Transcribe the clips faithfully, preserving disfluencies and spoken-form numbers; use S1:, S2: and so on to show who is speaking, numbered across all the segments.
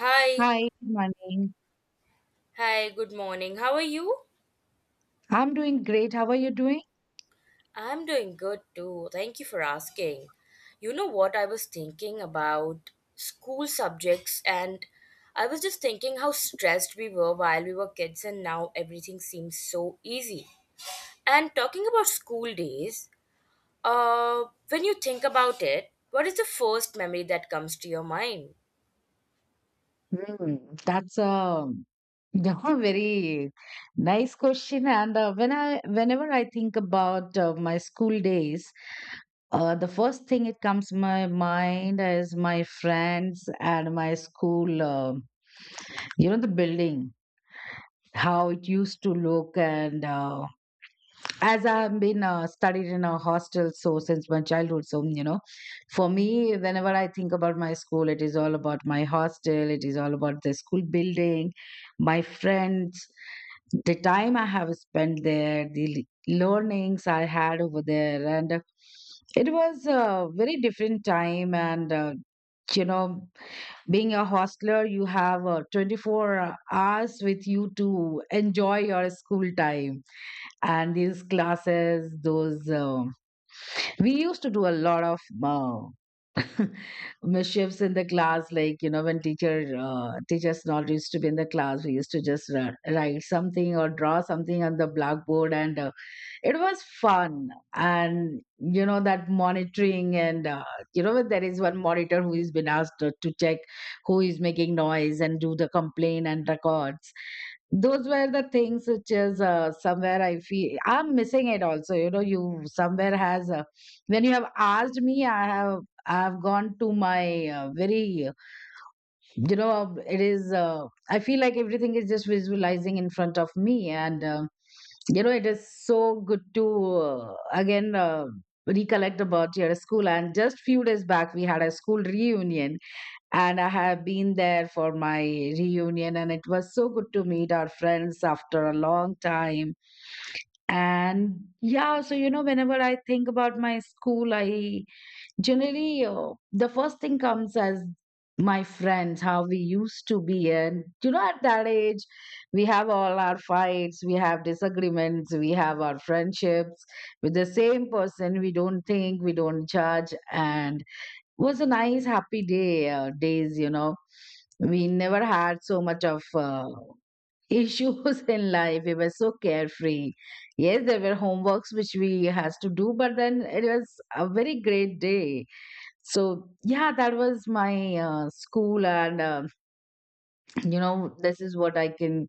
S1: Hi,
S2: Hi, good morning.
S1: hi, good morning. How are you?
S2: I'm doing great. How are you doing?
S1: I'm doing good too. Thank you for asking. You know what, I was thinking about school subjects, and I was just thinking how stressed we were while we were kids, and now everything seems so easy. And talking about school days, uh, when you think about it, what is the first memory that comes to your mind?
S2: Hmm, that's a very nice question. And uh, when I, whenever I think about uh, my school days, uh, the first thing it comes my mind is my friends and my school. Um you know, the building, how it used to look, and uh, as I've been uh, studied in a hostel so since my childhood, so you know, for me, whenever I think about my school, it is all about my hostel. It is all about the school building, my friends, the time I have spent there, the learnings I had over there, and uh, it was a very different time. And uh, You know, being a hostler, you have uh, twenty four hours with you to enjoy your school time, and these classes those um we used to do a lot of uh, mischiefs in the class, like you know when teacher uh, teachers not used to be in the class, we used to just ra- write something or draw something on the blackboard, and uh, it was fun. And you know that monitoring, and uh, you know, there is one monitor who has been asked to, to check who is making noise and do the complaint and records. Those were the things which is uh, somewhere I feel I'm missing it also, you know. You somewhere has uh, when you have asked me, I have i have gone to my uh, very you know, um, it is uh, I feel like everything is just visualizing in front of me, and um you know it is so good to uh, again uh, recollect about your school. And just few days back we had a school reunion, and I have been there for my reunion, and it was so good to meet our friends after a long time. And yeah, so you know, whenever I think about my school, I generally, uh, the first thing comes as my friends, how we used to be. And, you know, at that age, we have all our fights, we have disagreements, we have our friendships with the same person. We don't think, we don't judge. And was a nice, happy day, uh, days, you know. We never had so much of uh, issues in life. We were so carefree. Yes, there were homeworks which we has to do, but then it was a very great day. So yeah, that was my uh, school, and uh, you know, this is what I can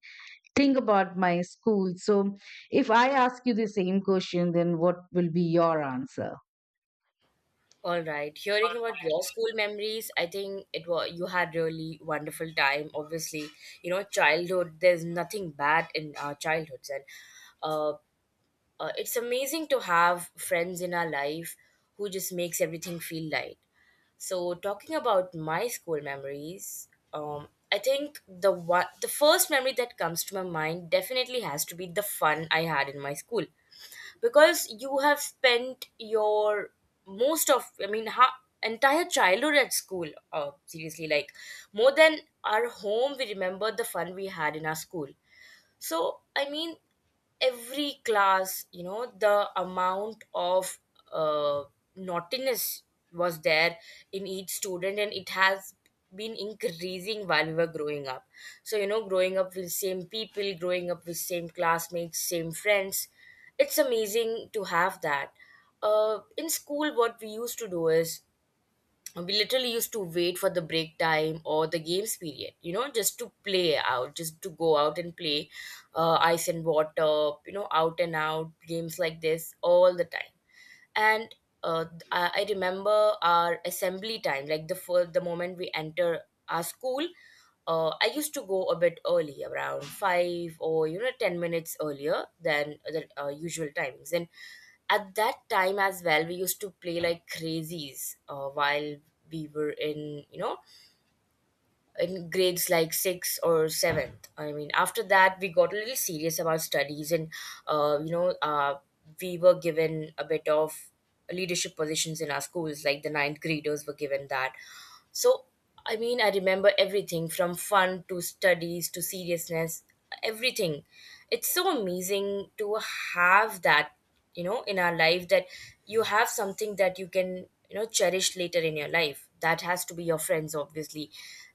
S2: think about my school. So if I ask you the same question, then what will be your answer?
S1: All right. Hearing about your school memories, I think it was you had really wonderful time. Obviously, you know, childhood. There's nothing bad in our childhoods, and uh, uh, it's amazing to have friends in our life who just makes everything feel light. So, talking about my school memories, um, I think the one, the first memory that comes to my mind definitely has to be the fun I had in my school, because you have spent your most of, i mean ha- entire childhood at school, uh, seriously, like more than our home, we remember the fun we had in our school. So, I mean, every class, you know, the amount of uh, naughtiness was there in each student, and it has been increasing while we were growing up. So, you know, growing up with same people, growing up with same classmates, same friends, it's amazing to have that. Uh, in school, what we used to do is we literally used to wait for the break time or the games period, you know, just to play out, just to go out and play, uh, ice and water, you know, out and out games like this all the time. And uh, I, I remember our assembly time, like the first, the moment we enter our school, uh, I used to go a bit early, around five or you know ten minutes earlier than the uh, usual timings. And at that time as well, we used to play like crazies, uh, while we were in, you know, in grades like six or seventh. I mean, after that, we got a little serious about studies, and uh, you know, uh, we were given a bit of leadership positions in our schools, like the ninth graders were given that. So, I mean, I remember everything from fun to studies to seriousness, everything. It's so amazing to have that, you know, in our life, that you have something that you can, you know, cherish later in your life. That has to be your friends, obviously.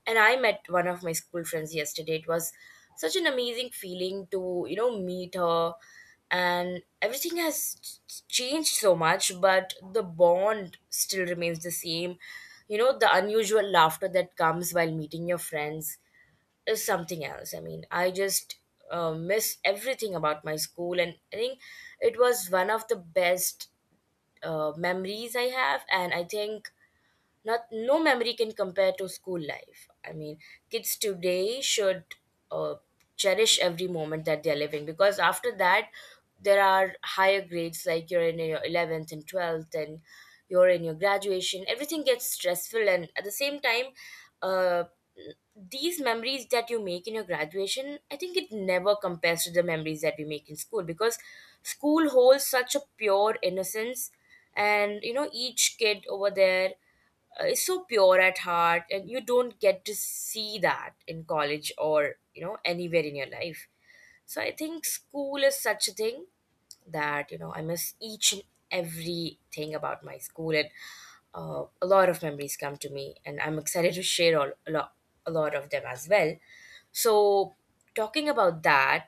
S1: And I met one of my school friends yesterday. It was such an amazing feeling to, you know, meet her, and everything has ch- changed so much, but the bond still remains the same. You know, the unusual laughter that comes while meeting your friends is something else. I mean, I just uh, miss everything about my school, and I think it was one of the best uh, memories I have. And I think not no memory can compare to school life. I mean, kids today should uh, cherish every moment that they are living, because after that, there are higher grades, like you're in your eleventh and twelfth, and you're in your graduation. Everything gets stressful, and at the same time, uh, these memories that you make in your graduation, I think it never compares to the memories that we make in school, because school holds such a pure innocence, and you know, each kid over there uh, is so pure at heart, and you don't get to see that in college or you know anywhere in your life. So I think school is such a thing that, you know, I miss each and everything about my school, and uh, a lot of memories come to me, and I'm excited to share all, a, lot, a lot of them as well. So, talking about that,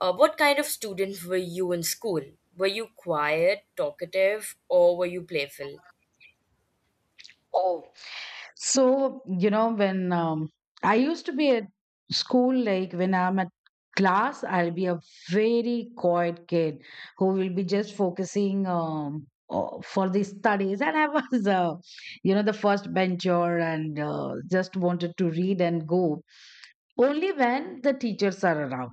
S1: uh, what kind of student were you in school? Were you quiet, talkative, or were you playful?
S2: Oh, so you know when um, I used to be at school, like when I'm at class, I'll be a very quiet kid who will be just focusing um, o- for the studies, and I was, uh, you know, the first bencher, and uh, just wanted to read and go only when the teachers are around.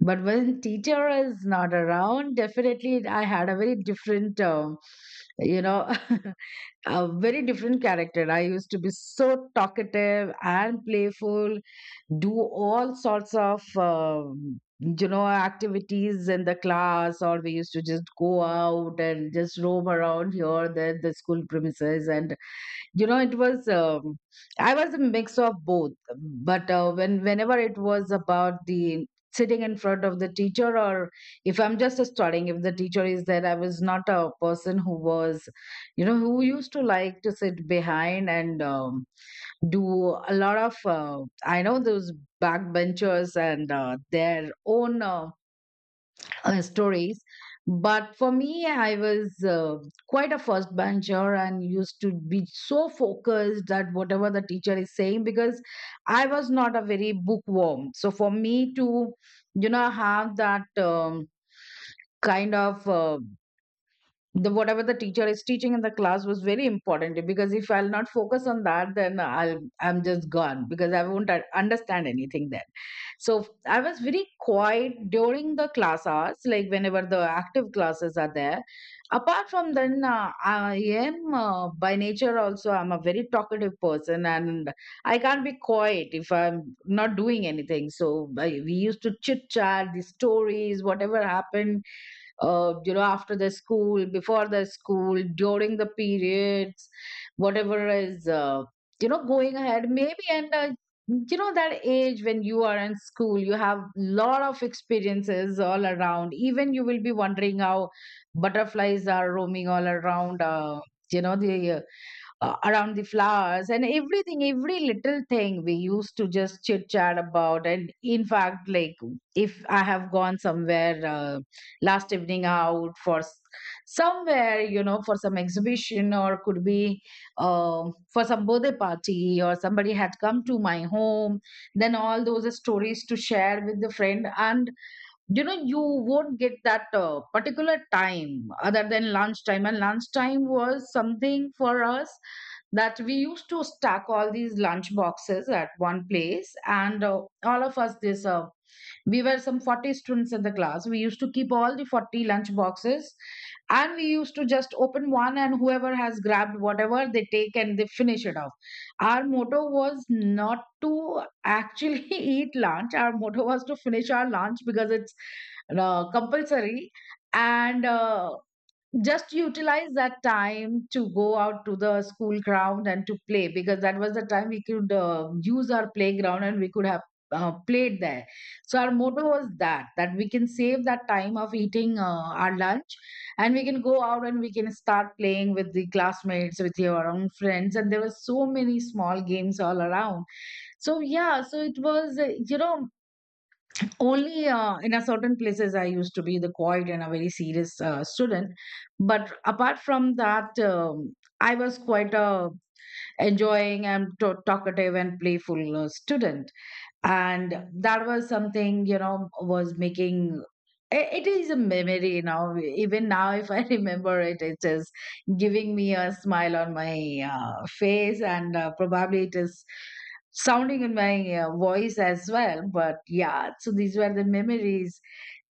S2: But when teacher is not around, definitely I had a very different, um, you know. A very different character. I used to be so talkative and playful, do all sorts of um, you know, activities in the class, or we used to just go out and just roam around here, there, the school premises, and you know it was um, I was a mix of both. But uh, when whenever it was about the sitting in front of the teacher, or if I'm just studying, if the teacher is there, I was not a person who was, you know, who used to like to sit behind and um, do a lot of uh, I know those backbenchers and uh, their own uh, uh, stories. But for me, I was uh, quite a first bencher, and used to be so focused that whatever the teacher is saying, because I was not a very bookworm. So for me to, you know, have that um, kind of. Uh, the whatever the teacher is teaching in the class was very important, because if I'll not focus on that, then i'll I'm just gone because I won't un- understand anything then. So I was very quiet during the class hours, like whenever the active classes are there. Apart from then, uh, I am uh, by nature also I'm a very talkative person, and I can't be quiet if I'm not doing anything, so I, we used to chit chat the stories whatever happened uh, you know, after the school, before the school, during the periods, whatever is uh, you know going ahead maybe, and uh, you know, that age when you are in school, you have lot of experiences all around. Even you will be wondering how butterflies are roaming all around uh, you know the uh, uh, around the flowers and everything, every little thing we used to just chit chat about. And in fact, like if I have gone somewhere uh, last evening out for s- somewhere, you know, for some exhibition, or could be um for some birthday party, or somebody had come to my home, then all those stories to share with the friend. And you know you won't get that uh, particular time other than lunchtime. And lunchtime was something for us that we used to stack all these lunch boxes at one place, and uh, all of us this uh, we were some forty students in the class, we used to keep all the forty lunch boxes, and we used to just open one, and whoever has grabbed whatever they take and they finish it off. Our motto was not to actually eat lunch, our motto was to finish our lunch because it's uh, compulsory, and uh, just utilize that time to go out to the school ground and to play, because that was the time we could uh, use our playground and we could have uh, played there. So our motto was that that we can save that time of eating uh, our lunch, and we can go out and we can start playing with the classmates, with your own friends, and there were so many small games all around. So yeah, so it was uh, you know, only uh, in a certain places I used to be the quiet and a very serious uh, student. But apart from that, um, I was quite a enjoying and to- talkative and playful uh, student, and that was something, you know, was making i- it is a memory now. Even now if I remember it, it is giving me a smile on my uh, face, and uh, probably it is sounding in my uh, voice as well. But yeah, so these were the memories.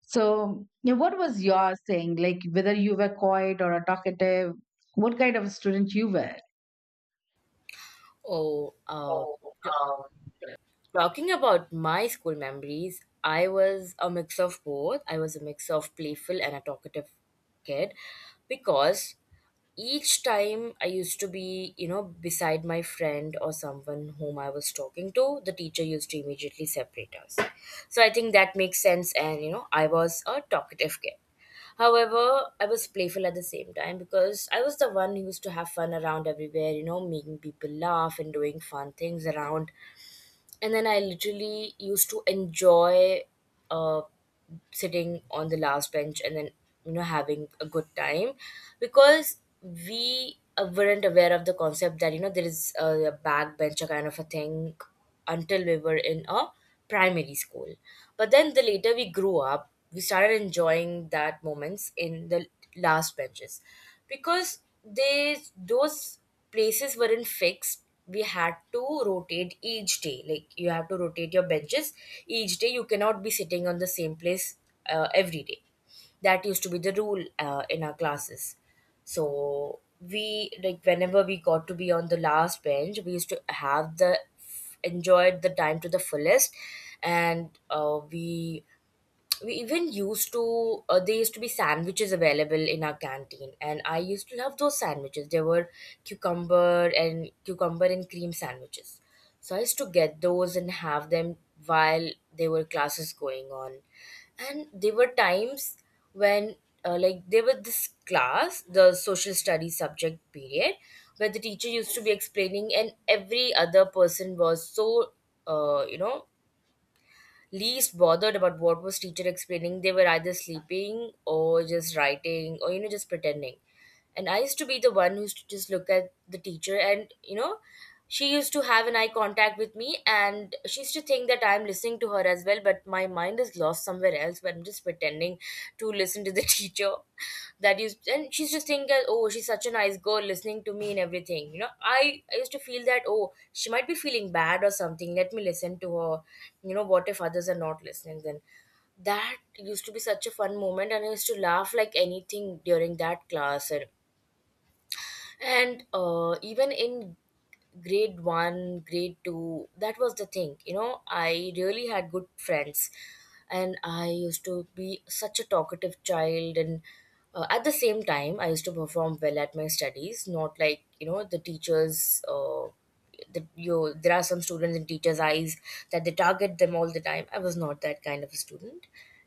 S2: So you, what was your thing, like whether you were quiet or a talkative? What kind of student you were?
S1: Oh uh, talking about my school memories, I was a mix of both. I was a mix of playful and a talkative kid, because each time I used to be, you know, beside my friend or someone whom I was talking to, the teacher used to immediately separate us. So I think that makes sense. And, you know, I was a talkative kid. However, I was playful at the same time, because I was the one who used to have fun around everywhere, you know, making people laugh and doing fun things around. And then I literally used to enjoy uh, sitting on the last bench, and then you know having a good time, because we uh, weren't aware of the concept that you know there is a, a backbencher kind of a thing until we were in a primary school. But then the later we grew up, we started enjoying that moments in the last benches, because they those places weren't fixed. We had to rotate each day. Like you have to rotate your benches each day. You cannot be sitting on the same place uh, every day. That used to be the rule uh, in our classes. So we, like whenever we got to be on the last bench, we used to have the enjoyed the time to the fullest. And uh, we we even used to, uh, there used to be sandwiches available in our canteen, and I used to love those sandwiches. There were cucumber and cucumber and cream sandwiches. So I used to get those and have them while there were classes going on. And there were times when, uh, like there was this class, the social studies subject period, where the teacher used to be explaining, and every other person was so uh, you know least bothered about what was teacher explaining. They were either sleeping or just writing or you know just pretending. And I used to be the one who used to just look at the teacher, and you know she used to have an eye contact with me, and she used to think that I'm listening to her as well, but my mind is lost somewhere else, but I'm just pretending to listen to the teacher. That used, and she's just thinking, oh, she's such a nice girl listening to me, and everything, you know, i i used to feel that, oh, she might be feeling bad or something, let me listen to her. You know, what if others are not listening? Then that used to be such a fun moment, and I used to laugh like anything during that class. And and uh, even in grade one, grade two, that was the thing. You know, I really had good friends, and I used to be such a talkative child. And uh, at the same time I used to perform well at my studies, not like you know the teachers, uh, the, you, there are some students in teachers' eyes that they target them all the time. I was not that kind of a student.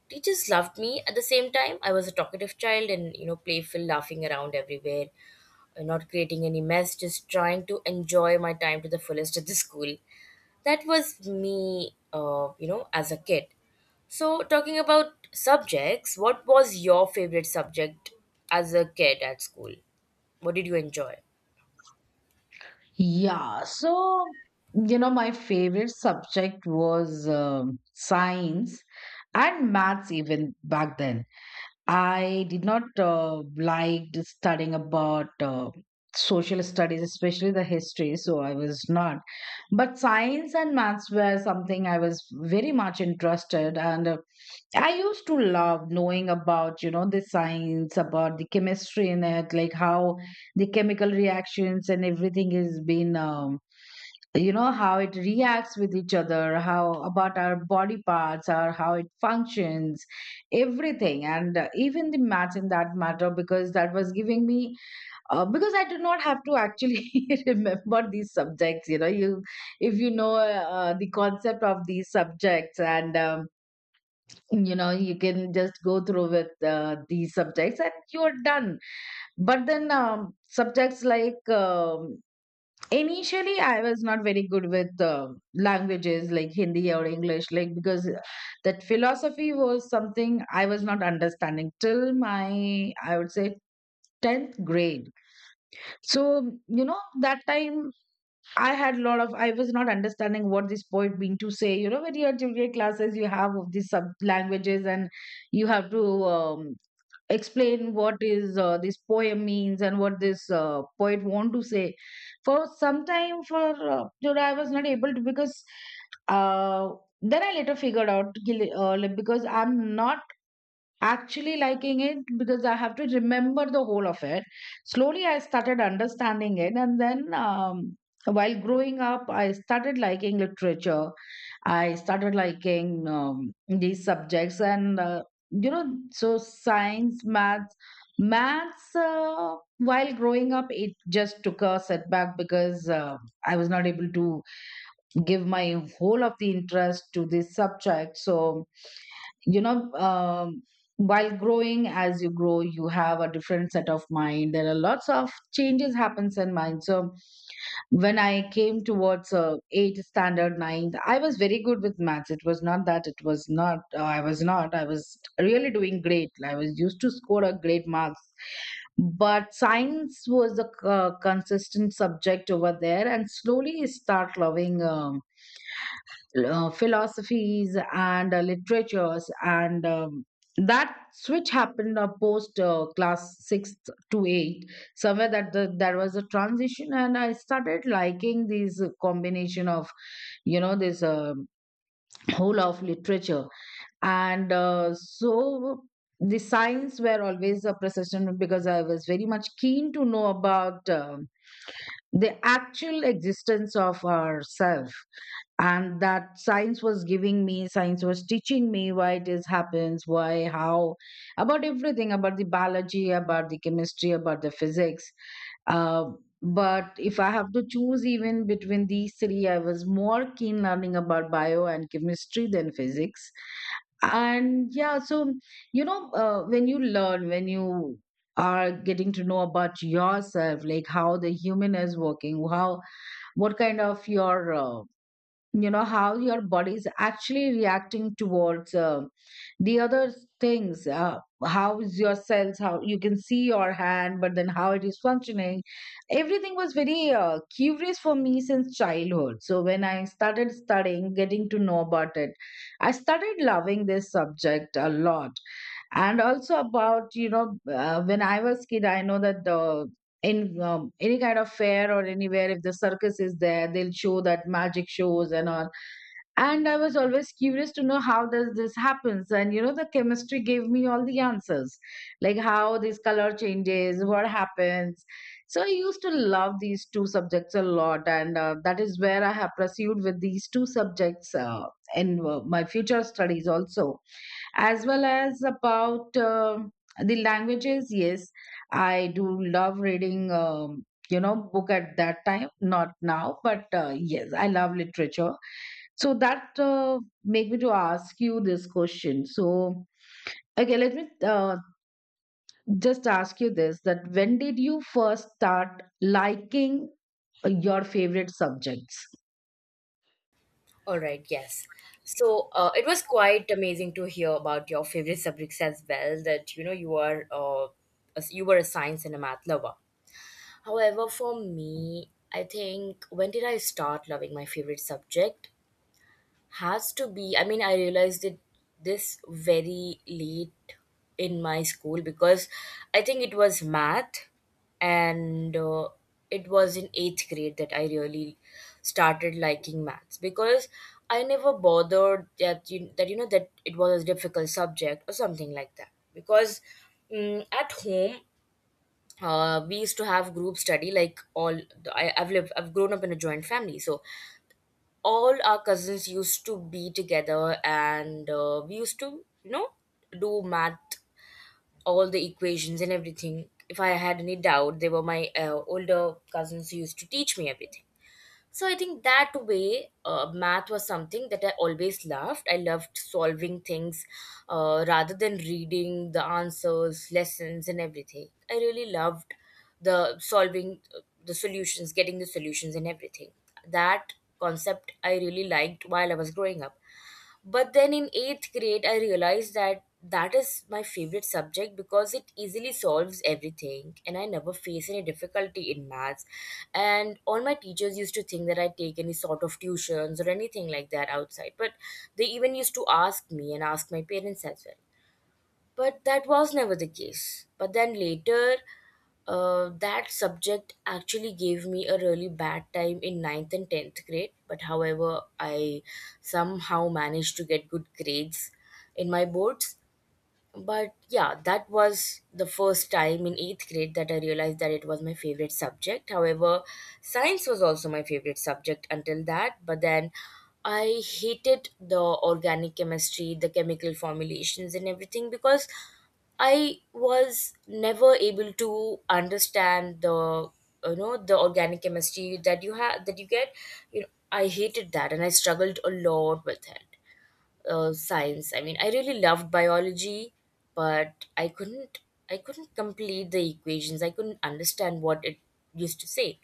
S1: Teachers loved me. At the same time, I was a talkative child, and you know playful, laughing around everywhere, uh, not creating any mess, just trying to enjoy my time to the fullest at the school. That was me, uh, you know, as a kid. So, talking about subjects, what was your favorite subject as a kid at school? What did you enjoy?
S2: Yeah, so you know, my favorite subject was um science and maths even back then. I did not uh, like studying about uh, social studies, especially the history, so I was not. But science and maths were something I was very much interested, and uh, I used to love knowing about, you know, the science, about the chemistry in it, like how the chemical reactions and everything is being. Um, you know how it reacts with each other, how about our body parts or how it functions, everything. And uh, even the maths in that matter, because that was giving me uh, because I do not have to actually remember these subjects. You know you, if you know uh, the concept of these subjects, and um, you know you can just go through with uh, these subjects and you're done. But then um, subjects like um initially, I was not very good with uh, languages like Hindi or English, like because that philosophy was something I was not understanding till my, I would say, tenth grade. So, you know, that time I had a lot of, I was not understanding what this poet mean to say. You know, when you are junior classes, you have of these sub languages, and you have to um, explain what is uh, this poem means and what this uh, poet want to say. For some time for uh, you know, I was not able to because uh, then I later figured out ki- uh, like, because I'm not actually liking it because I have to remember the whole of it. Slowly I started understanding it, and then um, while growing up I started liking literature. I started liking um, these subjects, and uh, you know, so science, maths, maths. Uh, while growing up, it just took a setback because uh, I was not able to give my whole of the interest to this subject. So you know. Um, while growing, as you grow, you have a different set of mind. There are lots of changes happens in mind, so when I came towards uh, eight standard ninth, I was very good with maths. It was not that it was not. Uh, I was not. I was really doing great. I was used to score a great marks, but science was a c- uh, consistent subject over there, and slowly I start loving um uh, philosophies and uh, literatures and um, That switch happened uh, post uh, class sixth to eight somewhere. That the, there was a transition, and I started liking these uh, combination of, you know this um whole of literature. And uh, So the science were always a persistent, because I was very much keen to know about um the actual existence of ourself. And that science was giving me, science was teaching me why it is happens, why, how, about everything, about the biology, about the chemistry, about the physics. uh, but if I have to choose even between these three, I was more keen learning about bio and chemistry than physics. And yeah, so, you know uh, when you learn, when you are getting to know about yourself, like how the human is working, how, what kind of your, uh, you know how your body is actually reacting towards uh, the other things. Uh, how is your cells, how you can see your hand, but then how it is functioning. Everything was very uh, curious for me since childhood. So when I started studying, getting to know about it, I started loving this subject a lot. And also about, you know uh, when I was kid, I know that the, in um, any kind of fair or anywhere, if the circus is there, they'll show that magic shows and all. And I was always curious to know how does this happens, and you know the chemistry gave me all the answers. Like how this color changes, what happens. So I used to love these two subjects a lot, and uh, that is where I have pursued with these two subjects uh, in uh, my future studies also, as well as about uh, the languages. Yes, I do love reading um, you know, book at that time, not now, but uh, yes, I love literature. So that uh, make me to ask you this question. So okay, let me uh, just ask you this, that when did you first start liking uh, your favorite subjects?
S1: All right, yes. So uh, it was quite amazing to hear about your favorite subjects as well. That you know you are, uh, as- you were a science and a math lover. However, for me, I think when did I start loving my favorite subject? Has to be, I mean, I realized it this very late in my school, because I think it was math, and uh, it was in eighth grade that I really started liking maths, because I never bothered that you, that you know that it was a difficult subject or something like that, because mm at home uh, we used to have group study, like all, I, I've lived I've grown up in a joint family, so all our cousins used to be together, and uh, we used to you know do math, all the equations and everything. If I had any doubt, they were my uh, older cousins who used to teach me everything. So I think that way, uh, math was something that I always loved. I loved solving things, uh, rather than reading the answers, lessons, and everything. I really loved the solving uh, the solutions, getting the solutions, and everything. That concept I really liked while I was growing up. But then in eighth grade, I realized that that is my favorite subject, because it easily solves everything, and I never face any difficulty in maths. And all my teachers used to think that I take any sort of tuitions or anything like that outside, but they even used to ask me and ask my parents as well, but that was never the case. But then later, uh, that subject actually gave me a really bad time in ninth and tenth grade. But however, I somehow managed to get good grades in my boards. But yeah, that was the first time in eighth grade that I realized that it was my favorite subject. However, science was also my favorite subject until that, but then I hated the organic chemistry, the chemical formulations, and everything because I was never able to understand the you know the organic chemistry that you have that you get. You know, I hated that, and I struggled a lot with it uh, science. I mean, I really loved biology, but I couldn't I couldn't complete the equations. I couldn't understand what it used to say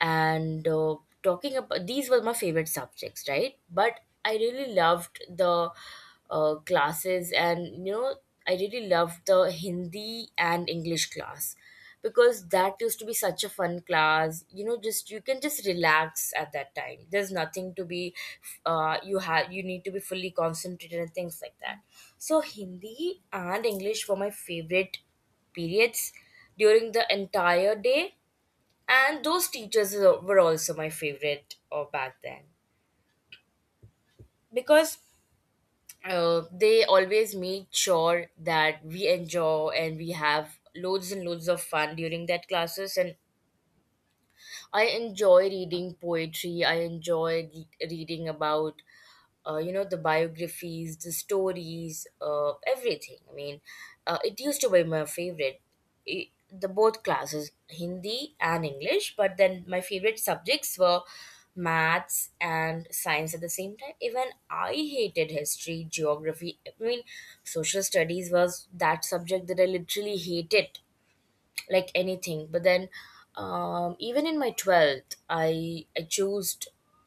S1: and uh, talking about these were my favorite subjects, right? But I really loved the uh, classes, and you know I really loved the Hindi and English class because that used to be such a fun class. You know, just you can just relax at that time. There's nothing to be uh, you have, you need to be fully concentrated and things like that. So Hindi and English were my favorite periods during the entire day, and those teachers were were also my favorite uh, back then. Uh, they always made sure that we enjoy and we have loads and loads of fun during that classes. And I enjoy reading poetry. I enjoy re- reading about, uh, you know, the biographies, the stories, uh, everything. I mean, uh, it used to be my favorite. I the both classes, Hindi and English, but then my favorite subjects were maths and science at the same time. Even I hated history, geography. I mean, social studies was that subject that I literally hated like anything. But then, um, even in my twelfth, i i chose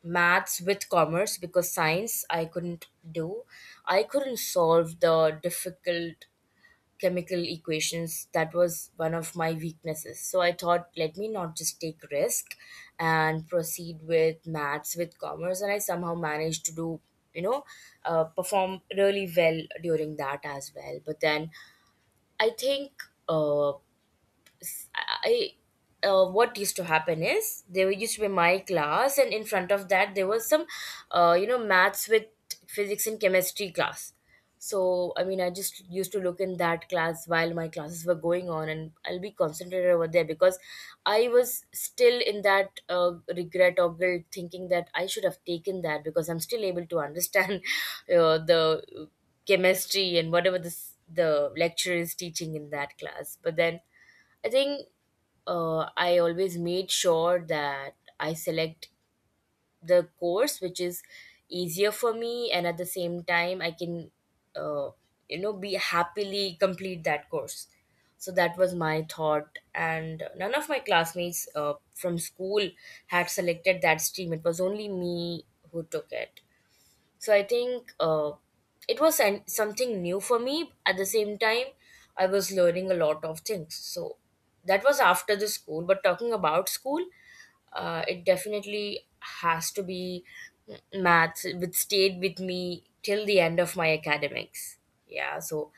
S1: maths with commerce because science I couldn't do. I couldn't solve the difficult chemical equations. That was one of my weaknesses, so I thought, let me not just take risk and proceed with maths with commerce. And I somehow managed to do, you know uh, perform really well during that as well. But then I think, uh, I, uh, what used to happen is there used to be my class, and in front of that there was some, uh, you know, maths with physics and chemistry class. So I mean, I just used to look in that class while my classes were going on, and I'll be concentrated over there because I was still in that uh, regret or guilt, thinking that I should have taken that because I'm still able to understand uh, the chemistry and whatever this the lecturer is teaching in that class. But then I think, uh, I always made sure that I select the course which is easier for me, and at the same time, I can, uh, you know, be happily complete that course. So that was my thought, and none of my classmates uh, from school had selected that stream. It was only me who took it. So I think, uh, it was an- something new for me. At the same time, I was learning a lot of things. So that was after the school. But talking about school, uh, it definitely has to be mm, maths, which stayed with me till the end of my academics. Yeah, so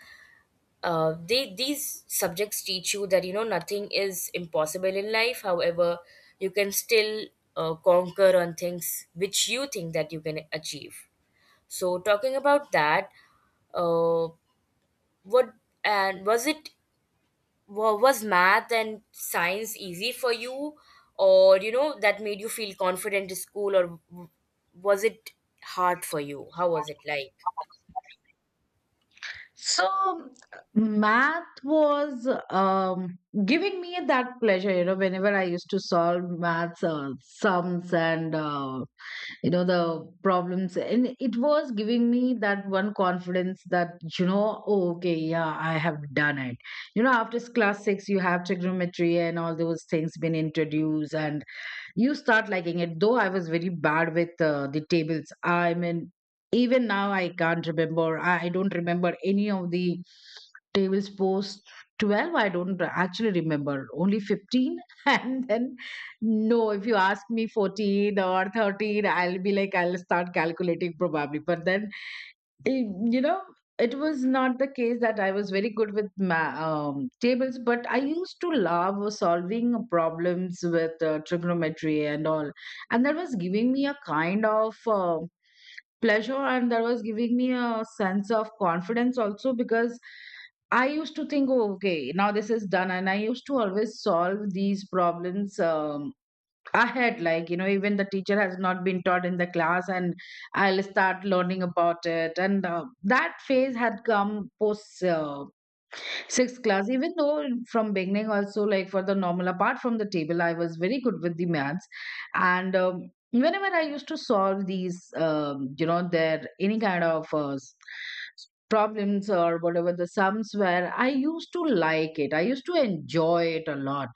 S1: uh, they, these subjects teach you that, you know, nothing is impossible in life. However, you can still uh, conquer on things which you think that you can achieve. So talking about that, uh, what and was it wa- was math and science easy for you, or you know that made you feel confident in school, or w- was it hard for you? How was it like?
S2: So math was um, giving me that pleasure, you know, whenever I used to solve maths uh, sums, and, uh, you know, the problems. And it was giving me that one confidence that, you know, oh, okay, yeah, I have done it. You know, after s- class six, you have trigonometry and all those things been introduced, and you start liking it. Though I was very bad with uh, the tables, I mean, even now I can't remember, i I don't remember any of the tables post twelve. I don't actually remember, only fifteen. And then, no, if you ask me fourteen or thirteen, I'll be like, I'll start calculating probably, but then. Eh, you know, it was not the case that I was very good with ma- um, tables, but I used to love solving problems with uh, trigonometry and all. And that was giving me a kind of uh, pleasure, and that was giving me a sense of confidence also, because I used to think, oh, okay, now this is done. And I used to always solve these problems. um, Ahead, like you know, even the teacher has not been taught in the class, and I'll start learning about it. And uh, that phase had come post uh, sixth class, even though from beginning also, like for the normal, apart from the table, I was very good with the maths. And um, whenever I used to solve these, um, you know, their any kind of uh, s- problems, or whatever the sums were, I used to like it, I used to enjoy it a lot.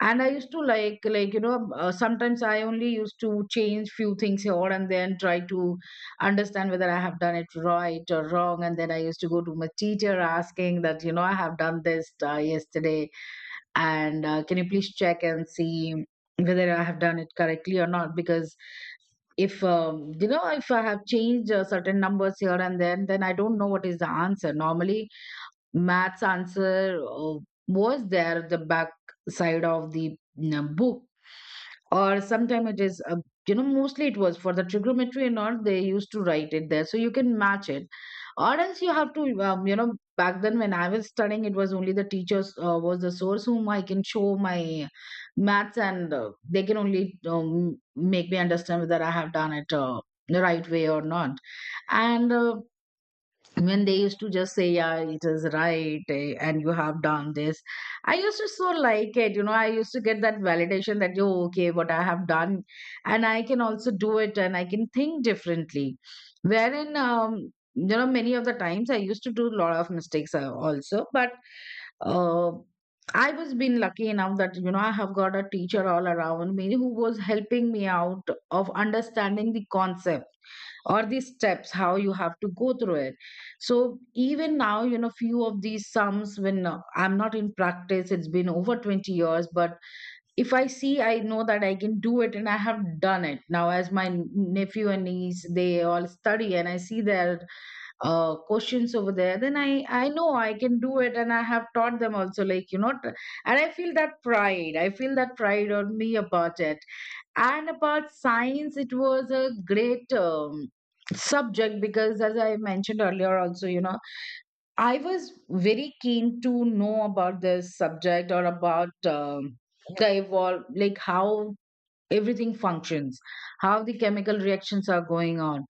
S2: And I used to like like, you know uh, sometimes I only used to change few things here, and then try to understand whether I have done it right or wrong. And then I used to go to my teacher asking that, you know, I have done this uh, yesterday, and uh, can you please check and see whether I have done it correctly or not? Because if um, you know, if I have changed uh, certain numbers here and then then I don't know what is the answer. Normally maths answer uh, was there at the back side of the, you know, book. Or sometime it is, uh, you know, mostly it was for the trigonometry and all, they used to write it there, so you can match it. Or else you have to, um, you know, back then when I was studying, it was only the teachers uh, was the source whom I can show my maths. And uh, they can only um, make me understand whether I have done it uh, the right way or not. And uh, when they used to just say, yeah, it is right, eh, and you have done this, I used to so like it. You know, I used to get that validation that, yo, okay, what I have done, and I can also do it, and I can think differently. Wherein, um, you know, many of the times I used to do a lot of mistakes uh, also. But uh, I was been lucky enough, that you know, I have got a teacher all around me who was helping me out of understanding the concept, or the steps how you have to go through it. So even now, you know, few of these sums, when uh, I'm not in practice, it's been over twenty years. But if I see, I know that I can do it, and I have done it. Now as my n- nephew and niece, they all study, and I see their uh, questions over there, then i i know I can do it, and I have taught them also. Like you know, t- and I feel that pride, I feel that pride on me about it. And about science, it was a great um, subject, because as I mentioned earlier also, you know, I was very keen to know about this subject, or about um, the evolve, like how everything functions, how the chemical reactions are going on.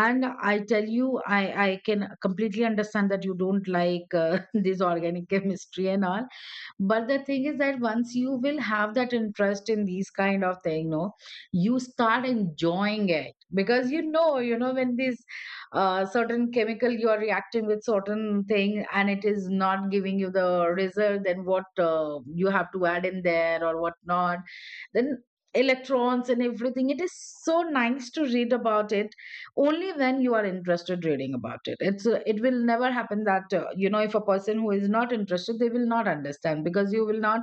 S2: And I tell you, i i can completely understand that you don't like uh, this organic chemistry and all. But the thing is that once you will have that interest in these kind of thing, no, you start enjoying it. Because you know you know, when this uh, certain chemical you are reacting with certain thing, and it is not giving you the result, then what uh, you have to add in there, or what not. Then electrons and everything, it is so nice to read about it. Only when you are interested reading about it. It's uh, it will never happen that, uh, you know, if a person who is not interested, they will not understand, because you will not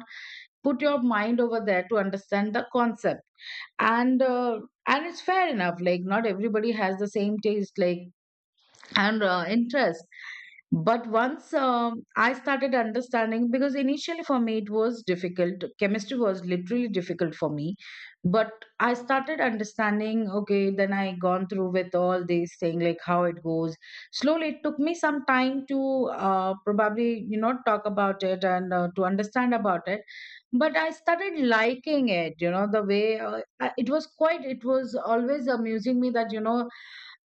S2: put your mind over there to understand the concept. And uh, and it's fair enough, like not everybody has the same taste, like, and uh, interest. But once um I started understanding, because initially for me it was difficult, chemistry was literally difficult for me. But I started understanding, okay, then I gone through with all these thing, like how it goes. Slowly, it took me some time to, uh, probably, you know, talk about it, and uh, to understand about it. But I started liking it, you know, the way, uh, I- it was quite, it was always amusing me that, you know,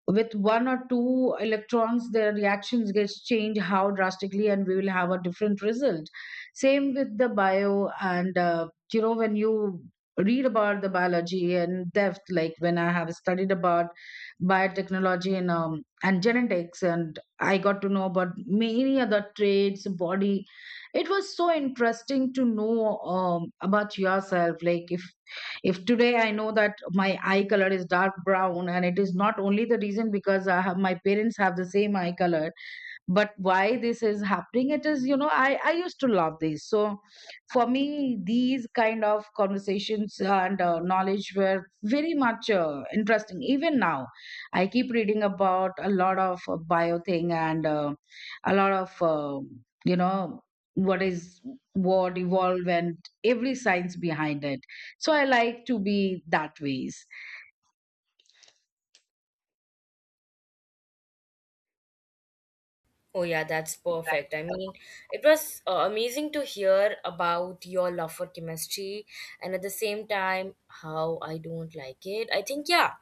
S2: with one or two electrons, their reactions gets changed how drastically, and we will have a different result. Same with the bio. And uh, you know, when you read about the biology and depth, like when I have studied about biotechnology, and um, and genetics, and I got to know about many other traits, body, it was so interesting to know, um, about yourself. Like if if today I know that my eye color is dark brown, and it is not only the reason because I have, my parents have the same eye color. But why this is happening, it is, you know, i i used to love this. So for me, these kind of conversations and uh, knowledge were very much uh, interesting. Even now I keep reading about a lot of uh, bio thing, and uh, a lot of, uh, you know, what is, what evolved, and every science behind it. So I like to be that ways.
S1: Oh, yeah, that's perfect. I mean, it was uh, amazing to hear about your love for chemistry and at the same time how I don't like it. I think, yeah,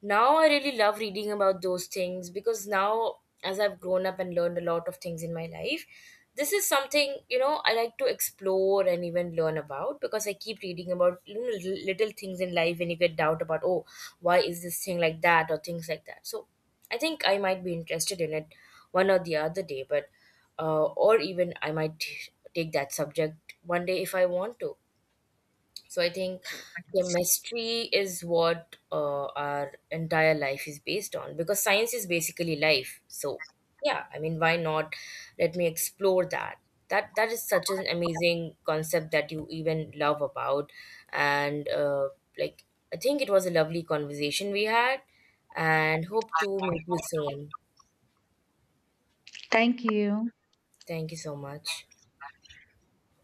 S1: now I really love reading about those things because now, as I've grown up and learned a lot of things in my life, this is something, you know, I like to explore and even learn about because I keep reading about, you know, little little things in life when you get doubt about, oh, why is this thing like that or things like that. So, I think I might be interested in it one or the other day. But uh, or even I might take that subject one day if I want to. So I think chemistry is what, uh, our entire life is based on because science is basically life. So yeah, I mean, why not? Let me explore that. That that is such an amazing concept that you even love about, and uh, like, I think it was a lovely conversation we had, and hope to meet you soon.
S2: Thank you.
S1: Thank you so much.